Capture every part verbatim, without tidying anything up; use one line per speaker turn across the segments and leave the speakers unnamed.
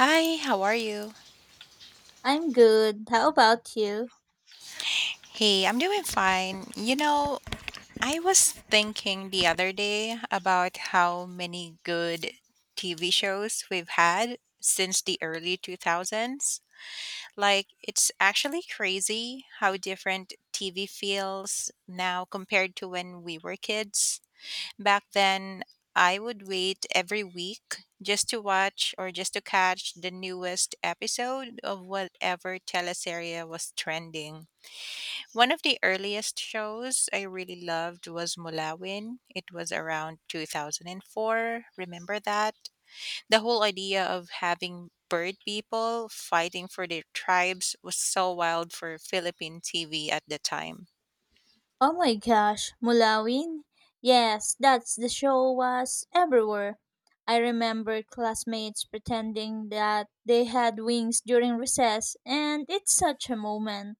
Hi, how are you?
I'm good. How about you?
Hey, I'm doing fine. You know, I was thinking the other day about how many good T V shows we've had since the early two thousands. Like, it's actually crazy how different T V feels now compared to when we were kids. Back then, I would wait every week just to watch or just to catch the newest episode of whatever teleserie was trending. One of the earliest shows I really loved was Mulawin. It was around two thousand four. Remember that? The whole idea of having bird people fighting for their tribes was so wild for Philippine T V at the time.
Oh my gosh, Mulawin? Yes, that's the show was everywhere. I remember classmates pretending that they had wings during recess, and it's such a moment.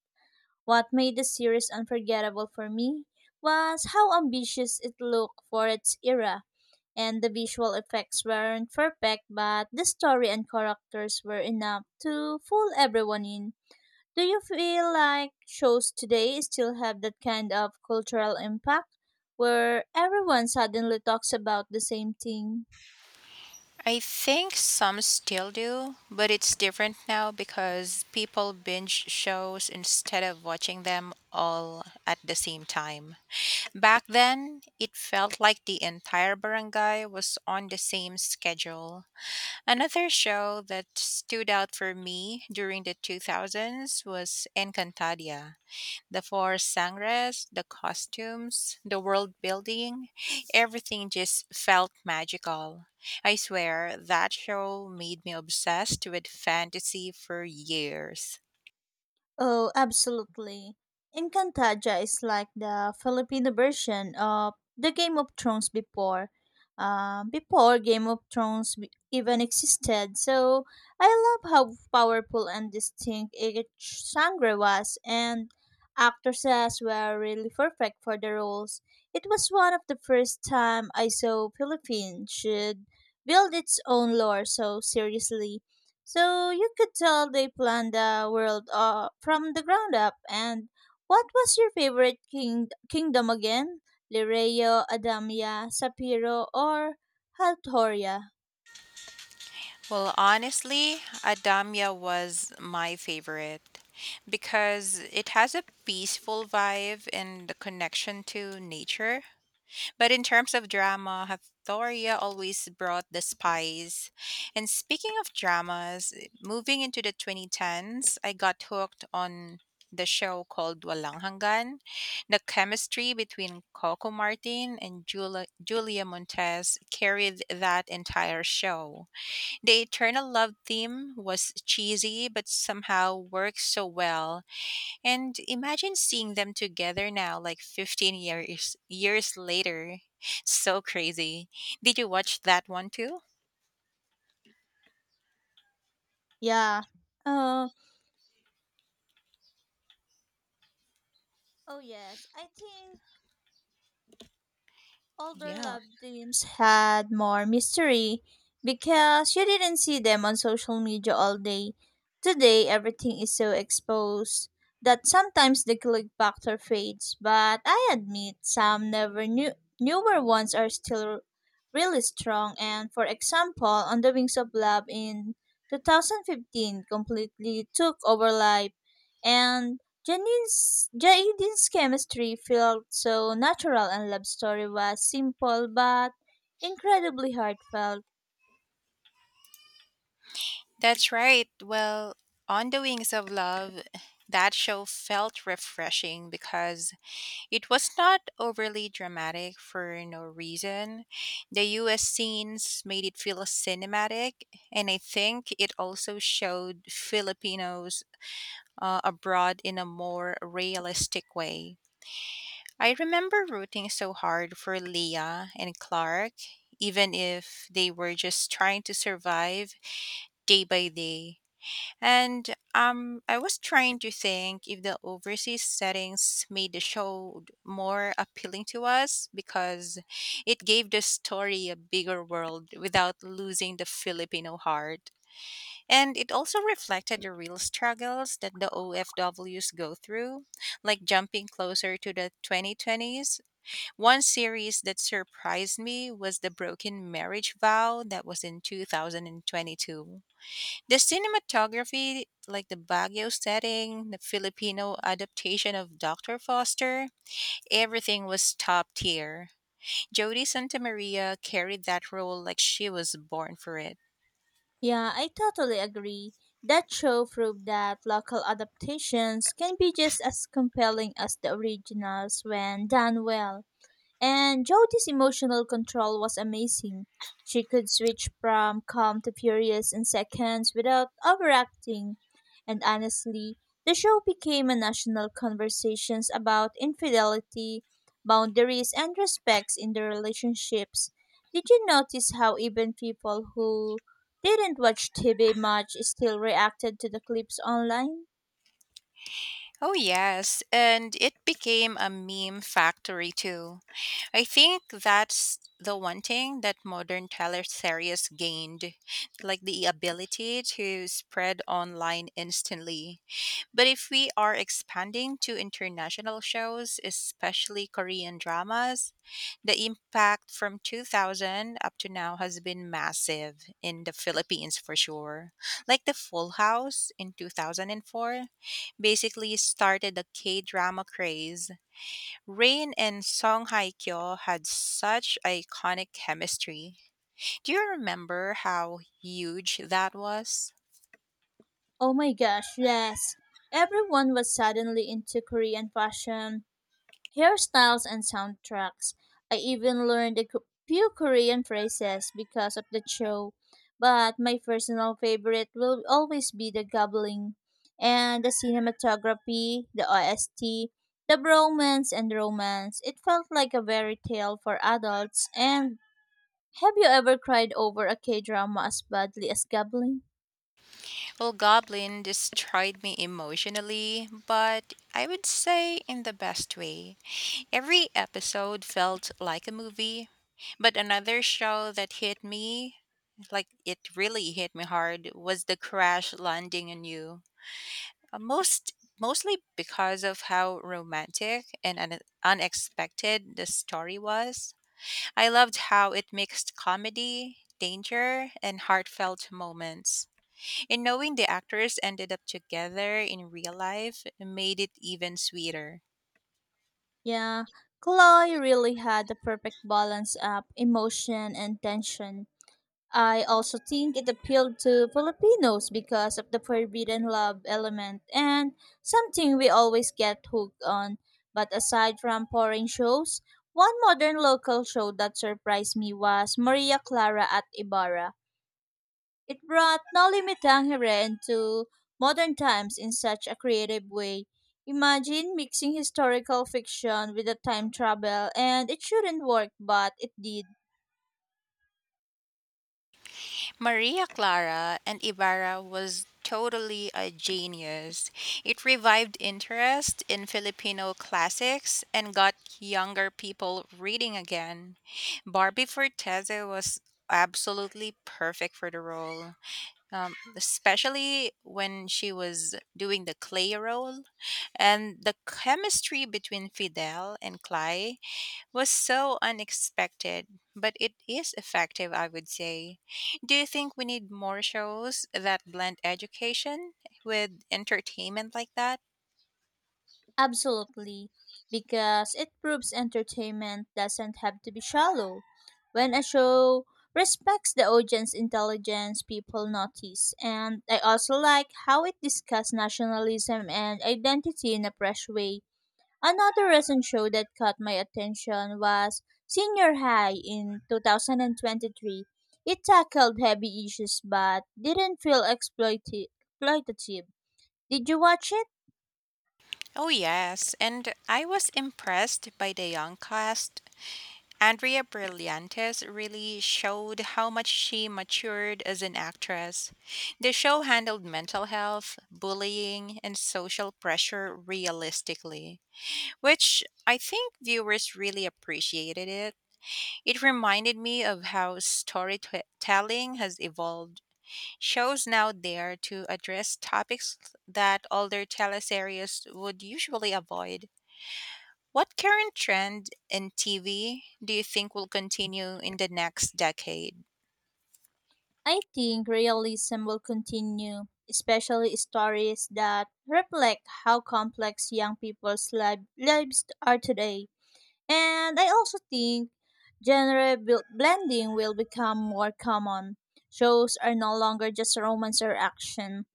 What made the series unforgettable for me was how ambitious it looked for its era, and the visual effects weren't perfect, but the story and characters were enough to fool everyone in. Do you feel like shows today still have that kind of cultural impact where everyone suddenly talks about the same thing?
I think some still do, but it's different now because people binge shows instead of watching them all at the same time. Back then, it felt like the entire barangay was on the same schedule. Another show that stood out for me during the two thousands was Encantadia. The four sangres, the costumes, the world building, everything just felt magical. I swear, that show made me obsessed with fantasy for years.
Oh, absolutely. Encantaja is like the Filipino version of the Game of Thrones before. Um, before Game of Thrones w- even existed, so I love how powerful and distinct each genre was, and actors as were really perfect for the roles. It was one of the first time I saw Philippines should build its own lore so seriously. So you could tell they planned the world uh, from the ground up. And what was your favorite king- kingdom again? Lireo, Adamya, Sapiro, or Haltoria?
Well, honestly, Adamya was my favorite because it has a peaceful vibe and the connection to nature. But in terms of drama, Hathoria always brought the spice. And speaking of dramas, moving into the twenty tens, I got hooked on the show called Walang Hanggan. The chemistry between Coco Martin and Julia, Julia Montez carried that entire show. The eternal love theme was cheesy but somehow worked so well. And imagine seeing them together now like fifteen years years later. So crazy. Did you watch that one too?
Yeah. Uh, oh, yes. I think older
Yeah.
love teams had more mystery because you didn't see them on social media all day. Today, everything is so exposed that sometimes the click factor fades, but I admit some never knew newer ones are still really strong. And for example, On the Wings of Love in two thousand fifteen completely took over life, and Janine's, Jaden's chemistry felt so natural, and love story was simple but incredibly heartfelt.
That's right. Well, on the Wings of Love, that show felt refreshing because it was not overly dramatic for no reason. The U S scenes made it feel cinematic, and I think it also showed Filipinos uh, abroad in a more realistic way. I remember rooting so hard for Leah and Clark, even if they were just trying to survive day by day. And um, I was trying to think if the overseas settings made the show more appealing to us because it gave the story a bigger world without losing the Filipino heart. And it also reflected the real struggles that the O F Ws go through, like jumping closer to the twenty twenties. One series that surprised me was The Broken Marriage Vow that was in two thousand twenty-two. The cinematography, like the Baguio setting, the Filipino adaptation of Doctor Foster, everything was top tier. Jodie Santamaria carried that role like she was born for it.
Yeah, I totally agree. That show proved that local adaptations can be just as compelling as the originals when done well. And Jody's emotional control was amazing. She could switch from calm to furious in seconds without overacting. And honestly, the show became a national conversation about infidelity, boundaries, and respects in the relationships. Did you notice how even people who didn't watch T V much still reacted to the clips online?
Oh, yes, and it became a meme factory too. I think that's the one thing that modern teleseries gained, like the ability to spread online instantly. But if we are expanding to international shows, especially Korean dramas, the impact from two thousand up to now has been massive in the Philippines for sure. Like The Full House in twenty oh four basically started the K drama craze. Rain and Song Hye Kyo had such iconic chemistry. Do you remember how huge that was?
Oh my gosh, yes. Everyone was suddenly into Korean fashion, hairstyles, and soundtracks. I even learned a cou- few Korean phrases because of the show, but my personal favorite will always be the gobbling and the cinematography, the O S T, the bromance and romance. It felt like a fairy tale for adults. And have you ever cried over a K drama as badly as gobbling?
Well, Goblin destroyed me emotionally, but I would say in the best way. Every episode felt like a movie, but another show that hit me, like it really hit me hard, was The Crash Landing on You. Uh, Most mostly because of how romantic and un- unexpected the story was. I loved how it mixed comedy, danger, and heartfelt moments. And knowing the actors ended up together in real life made it even sweeter.
Yeah, Chloe really had the perfect balance of emotion and tension. I also think it appealed to Filipinos because of the forbidden love element, and something we always get hooked on. But aside from foreign shows, one modern local show that surprised me was Maria Clara at Ibarra. It brought Noli Me Tangere into modern times in such a creative way. Imagine mixing historical fiction with a time travel, and it shouldn't work, but it did.
Maria Clara and Ibarra was totally a genius. It revived interest in Filipino classics and got younger people reading again. Barbie Forteze was absolutely perfect for the role, um, especially when she was doing the clay role. And the chemistry between Fidel and Clay was so unexpected, but it is effective, I would say. Do you think we need more shows that blend education with entertainment like that?
Absolutely, because it proves entertainment doesn't have to be shallow. When a show respects the audience intelligence, people notice. And I also like how it discussed nationalism and identity in a fresh way. Another recent show that caught my attention was Senior High in two thousand twenty-three. It tackled heavy issues but didn't feel exploiti- exploitative. Did you watch it?
Oh, yes. And I was impressed by the young cast. Andrea Brillantes really showed how much she matured as an actress. The show handled mental health, bullying, and social pressure realistically, which I think viewers really appreciated it. It reminded me of how storytelling has evolved. Shows now dare to address topics that older teleseries would usually avoid. What current trend in T V do you think will continue in the next decade?
I think realism will continue, especially stories that reflect how complex young people's li- lives are today. And I also think genre bl- blending will become more common. Shows are no longer just romance or action,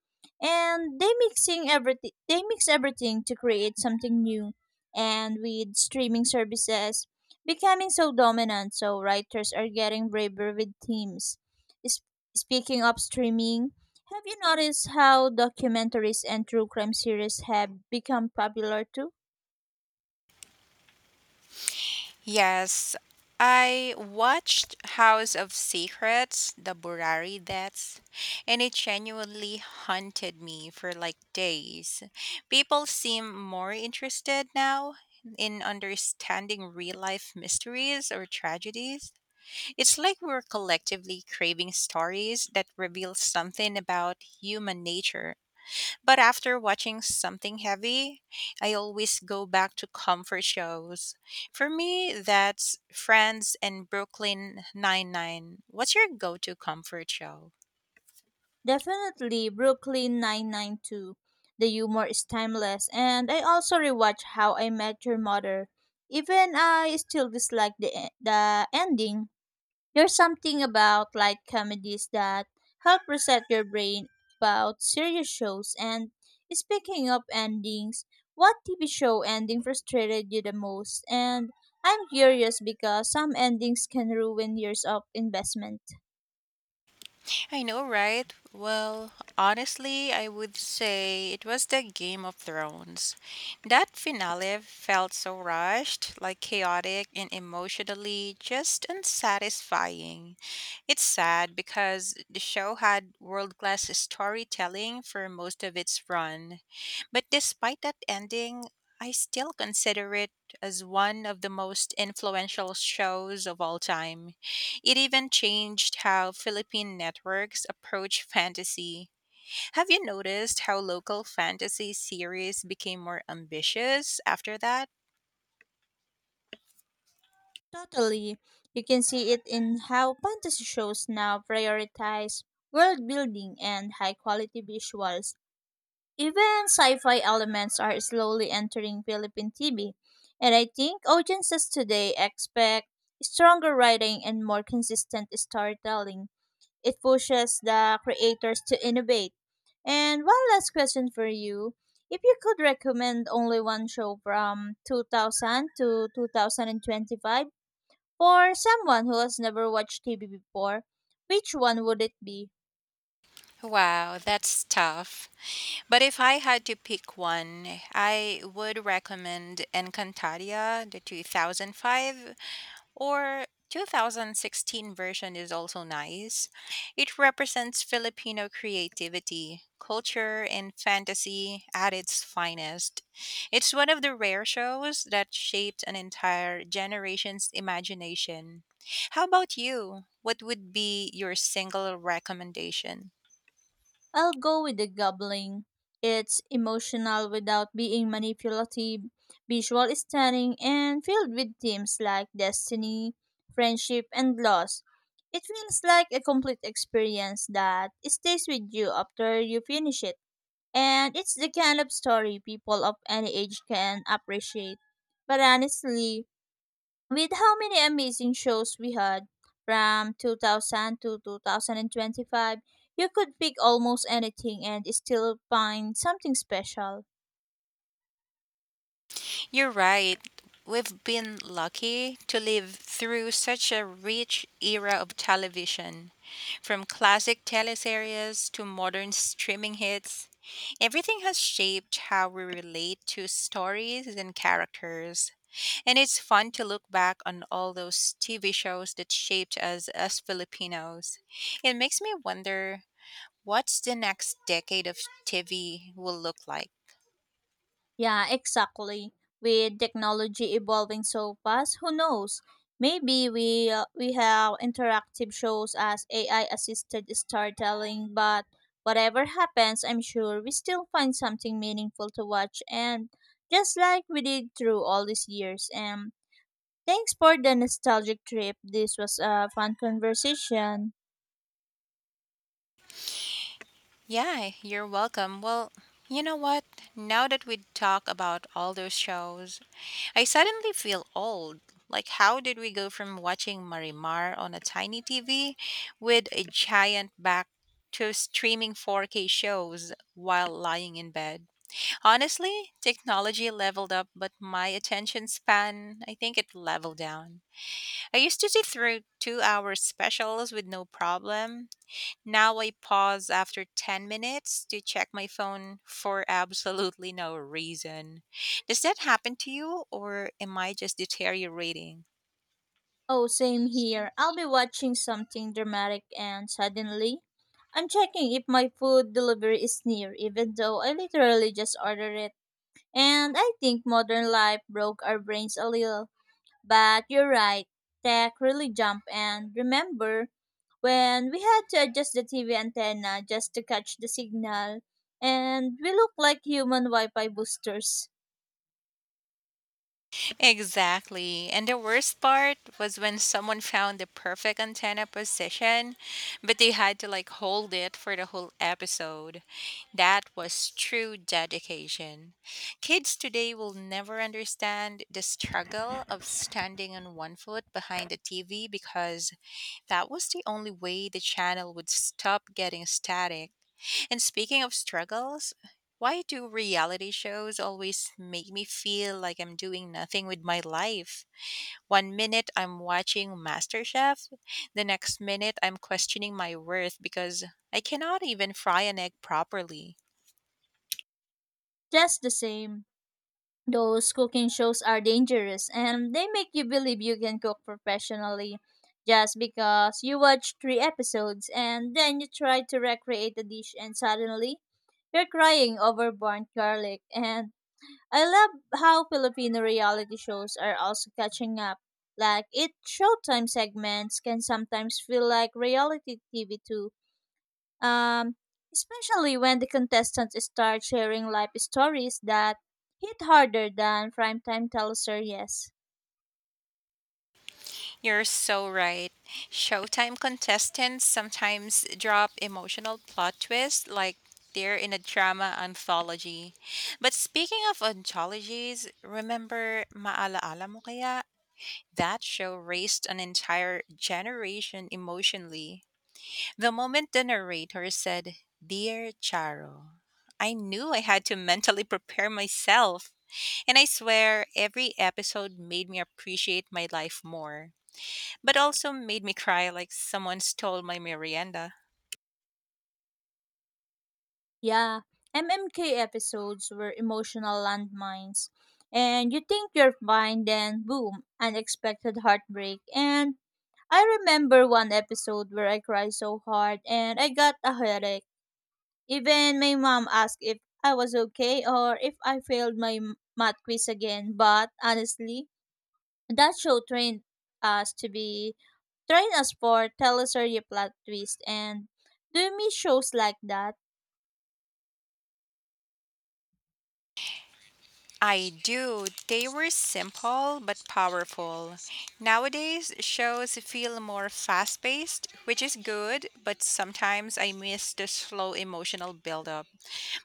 and they mixing everything. They mix everything to create something new. And with streaming services becoming so dominant, so writers are getting braver with themes. S- speaking of streaming, have you noticed how documentaries and true crime series have become popular too?
Yes, I watched House of Secrets, The Burari Deaths, and it genuinely haunted me for like days. People seem more interested now in understanding real life mysteries or tragedies. It's like we're collectively craving stories that reveal something about human nature, but after watching something heavy, I always go back to comfort shows. For me, that's Friends and Brooklyn Nine-Nine. What's your go-to comfort show?
Definitely Brooklyn nine ninety-two. The humor is timeless, and I also rewatch How I Met Your Mother. Even I still dislike the e- the ending. There's something about light comedies that help reset your brain about serious shows. And speaking of endings, what T V show ending frustrated you the most? And I'm curious because some endings can ruin years of investment.
I know, right? Well, honestly, I would say it was the Game of Thrones. That finale felt so rushed, like chaotic, and emotionally just unsatisfying. It's sad because the show had world class storytelling for most of its run. But despite that ending, I still consider it as one of the most influential shows of all time. It even changed how Philippine networks approach fantasy. Have you noticed how local fantasy series became more ambitious after that?
Totally. You can see it in how fantasy shows now prioritize world building and high quality visuals. Even sci fi elements are slowly entering Philippine T V, and I think audiences today expect stronger writing and more consistent storytelling. It pushes the creators to innovate. And one last question for you. If you could recommend only one show from two thousand to two thousand twenty-five, for someone who has never watched T V before, which one would it be?
Wow, that's tough. But if I had to pick one, I would recommend Encantadia, the two thousand five. Or two thousand sixteen version is also nice. It represents Filipino creativity, culture, and fantasy at its finest. It's one of the rare shows that shaped an entire generation's imagination. How about you? What would be your single recommendation?
I'll go with the gobbling. It's emotional without being manipulative, visual stunning, and filled with themes like destiny, friendship, and loss. It feels like a complete experience that stays with you after you finish it. And it's the kind of story people of any age can appreciate. But honestly, with how many amazing shows we had from two thousand to two thousand twenty-five, you could pick almost anything and still find something special.
You're right. We've been lucky to live through such a rich era of television. From classic teleseries to modern streaming hits, everything has shaped how we relate to stories and characters. And it's fun to look back on all those T V shows that shaped us as Filipinos. It makes me wonder what's the next decade of T V will look like.
Yeah, exactly. With technology evolving so fast, who knows? Maybe we uh, we have interactive shows as A I assisted storytelling, but whatever happens, I'm sure we still find something meaningful to watch, and just like we did through all these years. And thanks for the nostalgic trip. This was a fun conversation.
Yeah, you're welcome. Well, you know what? Now that we talk about all those shows, I suddenly feel old. Like, how did we go from watching Marimar on a tiny T V with a giant back to streaming four K shows while lying in bed? Honestly, technology leveled up, but my attention span, I think it leveled down. I used to sit through two hour specials with no problem. Now I pause after ten minutes to check my phone for absolutely no reason. Does that happen to you, or am I just deteriorating?
Oh, same here. I'll be watching something dramatic and suddenly I'm checking if my food delivery is near, even though I literally just ordered it. And I think modern life broke our brains a little. But you're right, tech really jumped. And remember when we had to adjust the T V antenna just to catch the signal, and we look like human Wi Fi boosters,
Exactly. And the worst part was when someone found the perfect antenna position, but they had to like hold it for the whole episode. That was true dedication. Kids today will never understand the struggle of standing on one foot behind the T V because that was the only way the channel would stop getting static. And speaking of struggles, why do reality shows always make me feel like I'm doing nothing with my life? One minute I'm watching MasterChef, the next minute I'm questioning my worth because I cannot even fry an egg properly.
just the same. Those cooking shows are dangerous and they make you believe you can cook professionally just because you watch three episodes and then you try to recreate the dish and suddenly you're crying over burnt garlic. And I love how Filipino reality shows are also catching up. Like, it showtime segments can sometimes feel like reality T V too, um, especially when the contestants start sharing life stories that hit harder than primetime teleseries.
You're so right. Showtime contestants sometimes drop emotional plot twists like they're in a drama anthology. But speaking of anthologies, remember Maalaala Mo Kaya? That show raised an entire generation emotionally. The moment the narrator said, "Dear Charo," I knew I had to mentally prepare myself. And I swear, every episode made me appreciate my life more, but also made me cry like someone stole my merienda.
Yeah, M M K episodes were emotional landmines. And you think you're fine, then boom, unexpected heartbreak. And I remember one episode where I cried so hard and I got a headache. Even my mom asked if I was okay or if I failed my m- math quiz again. But honestly, that show trained us to be trained us for tell us your plot twist. And do you miss shows like that?
I do. They were simple but powerful. Nowadays, shows feel more fast paced, which is good, but sometimes I miss the slow emotional build up.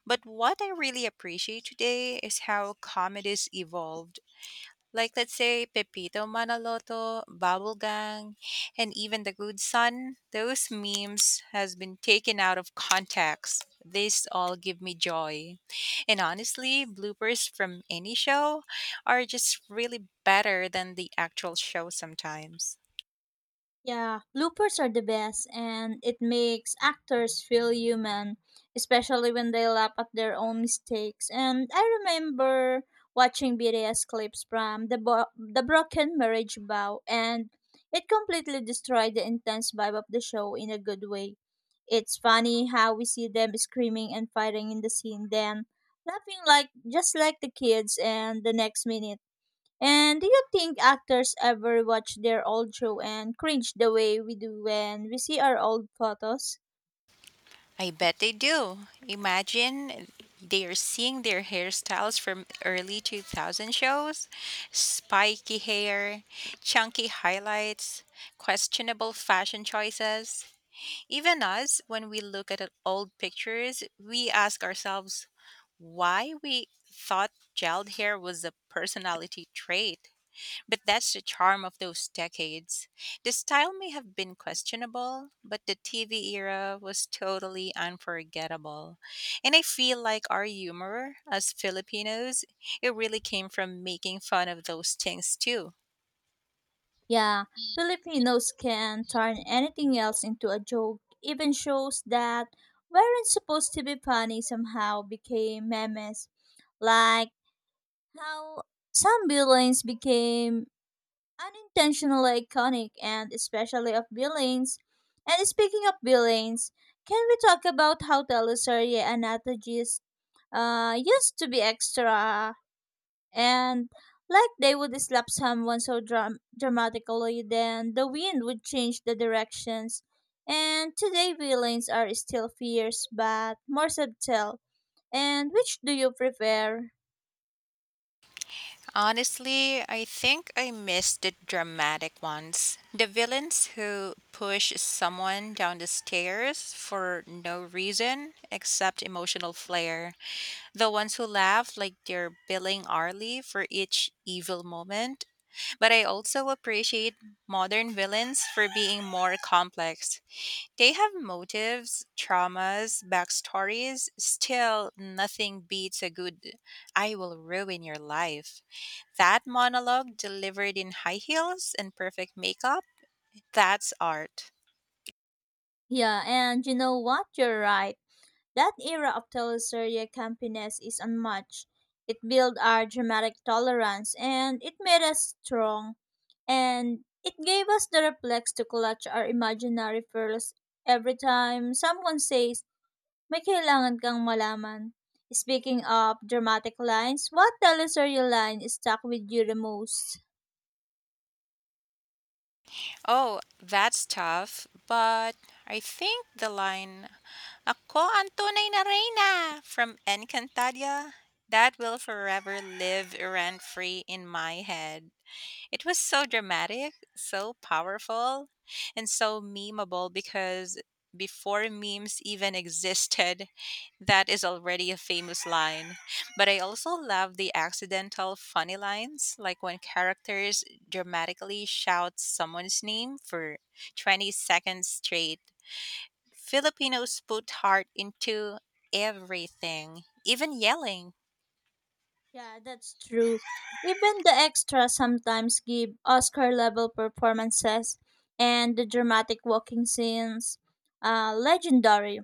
But what I really appreciate today is how comedies evolved. Like let's say Pepito Manaloto, Bubble Gang, and even the Good Son, those memes has been taken out of context. These all give me joy. And honestly, bloopers from any show are just really better than the actual show sometimes.
Yeah, bloopers are the best, and it makes actors feel human, especially when they laugh at their own mistakes. And I remember watching B T S clips from the Bo- the Broken Marriage Vow, and it completely destroyed the intense vibe of the show in a good way. It's funny how we see them screaming and fighting in the scene, then laughing like just like the kids, and the next minute. And do you think actors ever watch their old show and cringe the way we do when we see our old photos?
I bet they do. Imagine they're seeing their hairstyles from early two thousand shows, spiky hair, chunky highlights, questionable fashion choices. Even us, when we look at old pictures, we ask ourselves why we thought gelled hair was a personality trait. But that's the charm of those decades. The style may have been questionable, but the T V era was totally unforgettable. And I feel like our humor as Filipinos, it really came from making fun of those things too.
Yeah, Filipinos can turn anything else into a joke. Even shows that weren't supposed to be funny somehow became memes. Like how some villains became unintentionally iconic, and especially of villains. And speaking of villains, can we talk about how Teleserie and uh, used to be extra, and like they would slap someone so dram- dramatically, then the wind would change the directions, and today villains are still fierce but more subtle. And which do you prefer?
Honestly, I think I missed the dramatic ones. The villains who push someone down the stairs for no reason except emotional flair. The ones who laugh like they're billing hourly for each evil moment. But I also appreciate modern villains for being more complex. They have motives, traumas, backstories. Still, nothing beats a good, "I will ruin your life." That monologue delivered in high heels and perfect makeup, that's art.
Yeah, and you know what, you're right. That era of teleserie campiness is unmatched. It built our dramatic tolerance and it made us strong, and it gave us the reflex to clutch our imaginary pearls every time someone says, may kailangan kang malaman. Speaking of dramatic lines, what teleserye line stuck with you the most?
Oh, that's tough, but I think the line, "Ako ang tunay na reyna" from Encantadia, that will forever live rent free in my head. It was so dramatic, so powerful, and so memeable because before memes even existed, that is already a famous line. But I also love the accidental funny lines, like when characters dramatically shout someone's name for twenty seconds straight. Filipinos put heart into everything, even yelling.
Yeah, that's true. Even the extras sometimes give Oscar level performances, and the dramatic walking scenes, uh, legendary.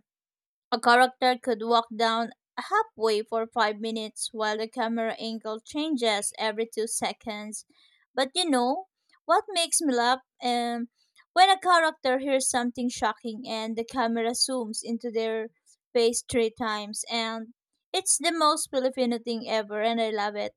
A character could walk down halfway for five minutes while the camera angle changes every two seconds. But you know, what makes me laugh? Um, when a character hears something shocking and the camera zooms into their face three times, and it's the most Filipino thing ever, and I love it.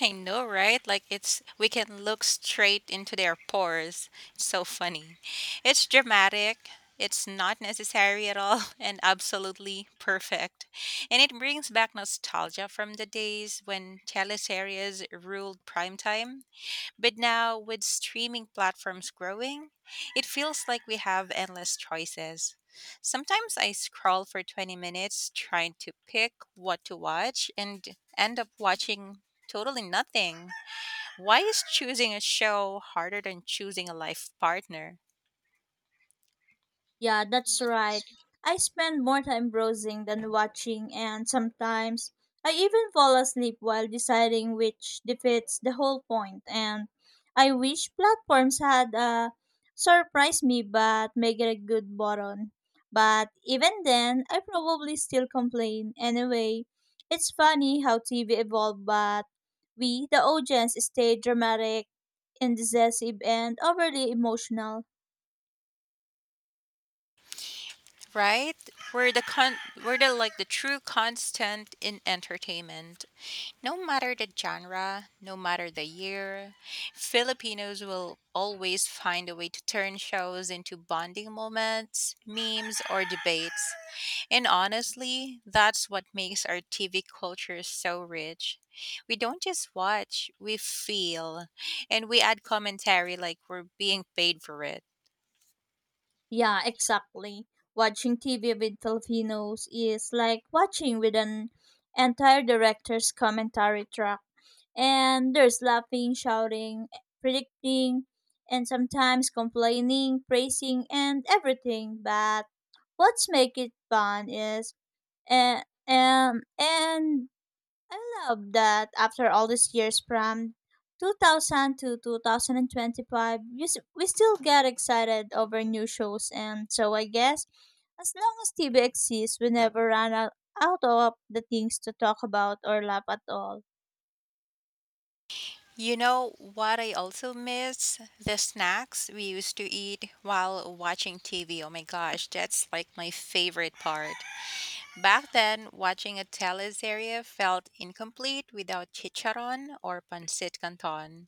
I know, right? Like it's we can look straight into their pores. It's so funny. It's dramatic. It's not necessary at all and absolutely perfect. And it brings back nostalgia from the days when teleseries ruled primetime. But now, with streaming platforms growing, it feels like we have endless choices. Sometimes I scroll for twenty minutes trying to pick what to watch and end up watching totally nothing. Why is choosing a show harder than choosing a life partner?
Yeah, that's right. I spend more time browsing than watching, and sometimes I even fall asleep while deciding, which defeats the whole point. And I wish platforms had a surprise me but make it a good button. But even then, I probably still complain. Anyway, it's funny how T V evolved, but we, the audience, stay dramatic, indecisive, and overly emotional.
Right? We're the con we're the like the true constant in entertainment. No matter the genre, no matter the year, Filipinos will always find a way to turn shows into bonding moments, memes or debates. And honestly, that's what makes our T V culture so rich. We don't just watch, we feel, and we add commentary like we're being paid for it.
Yeah, exactly. Watching T V with Filipinos is like watching with an entire director's commentary track. And there's laughing, shouting, predicting, and sometimes complaining, praising, and everything. But what's make it fun is and and and I love that after all these years from two thousand to two thousand twenty-five, you s- we still get excited over new shows. And so I guess as long as T V exists, we never run out, out of the things to talk about or laugh at all.
You know what I also miss? The snacks we used to eat while watching T V. Oh my gosh, that's like my favorite part. Back then, watching a teleserie felt incomplete without chicharon or pancit canton.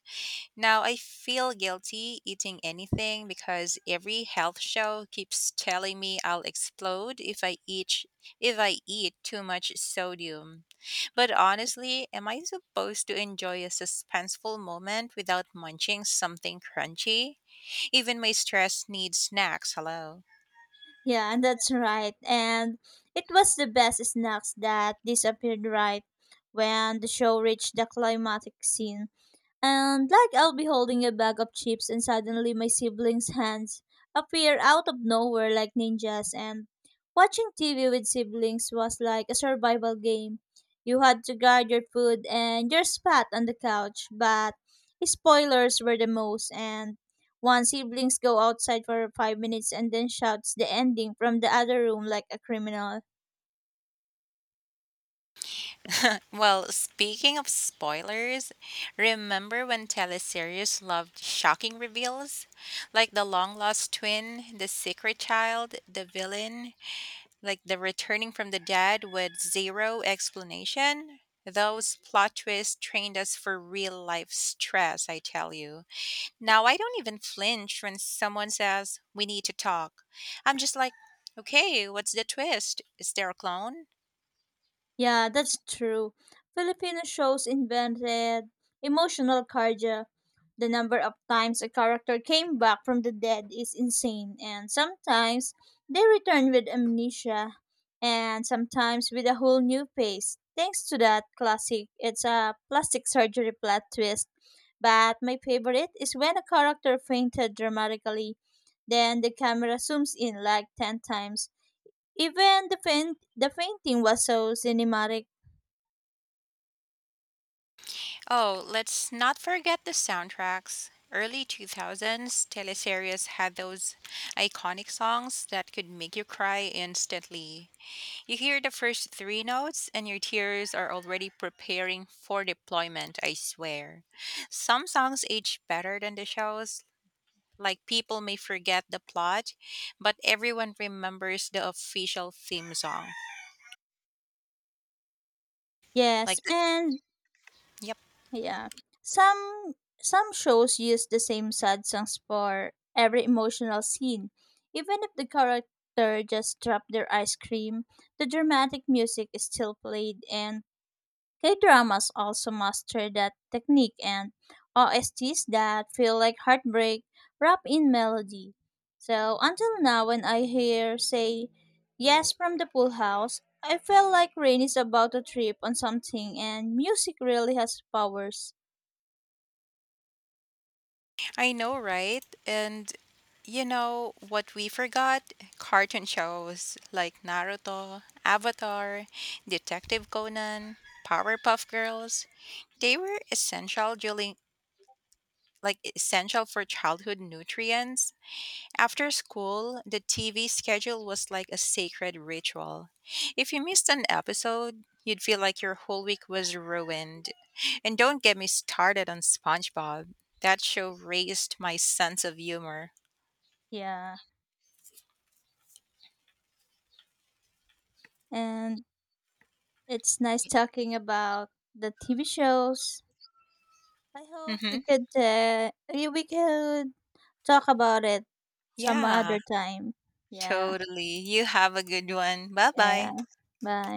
Now I feel guilty eating anything because every health show keeps telling me I'll explode if I eat if I eat too much sodium. But honestly, am I supposed to enjoy a suspenseful moment without munching something crunchy? Even my stress needs snacks, hello.
Yeah, and that's right. And it was the best snacks that disappeared right when the show reached the climactic scene. And like I'll be holding a bag of chips and suddenly my siblings' hands appear out of nowhere like ninjas and watching T V with siblings was like a survival game. You had to guard your food and your spot on the couch, but spoilers were the most and one siblings go outside for five minutes and then shouts the ending from the other room like a criminal.
Well, speaking of spoilers, remember when teleseries loved shocking reveals? Like the long lost twin, the secret child, the villain, like the returning from the dead with zero explanation? Those plot twists trained us for real life stress, I tell you. Now I don't even flinch when someone says, "We need to talk." I'm just like, "Okay, what's the twist? Is there a clone?"
Yeah, that's true. Filipino shows invented emotional cardia. The number of times a character came back from the dead is insane, and sometimes they return with amnesia, and sometimes with a whole new face. Thanks to that classic, it's a plastic surgery plot twist. But my favorite is when a character fainted dramatically, then the camera zooms in like ten times. Even the faint, the fainting was so cinematic.
Oh, let's not forget the soundtracks. Early two thousands teleseries had those iconic songs that could make you cry instantly. You hear the first three notes, and your tears are already preparing for deployment, I swear. Some songs age better than the shows. Like, people may forget the plot, but everyone remembers the official theme song. Like,
Yes, and
yep.
yeah, some some shows use the same sad songs for every emotional scene. Even if the character just dropped their ice cream, the dramatic music is still played. And K dramas also master that technique, and O S Ts that feel like heartbreak wrapped in melody. So until now, when I hear say yes from the pool house, I feel like rain is about to trip on something, and music really has powers.
I know, right? And you know what we forgot? Cartoon shows like Naruto, Avatar, Detective Conan, Powerpuff Girls. They were essential during like essential for childhood nutrients. After school, the T V schedule was like a sacred ritual. If you missed an episode, you'd feel like your whole week was ruined. And don't get me started on SpongeBob. That show raised my sense of humor.
Yeah, and it's nice talking about the T V shows. I hope
hmm
we could uh, we we could talk about it some
Yeah,
other time. Yeah.
totally. You have a good one. Bye bye.
Yeah. Bye.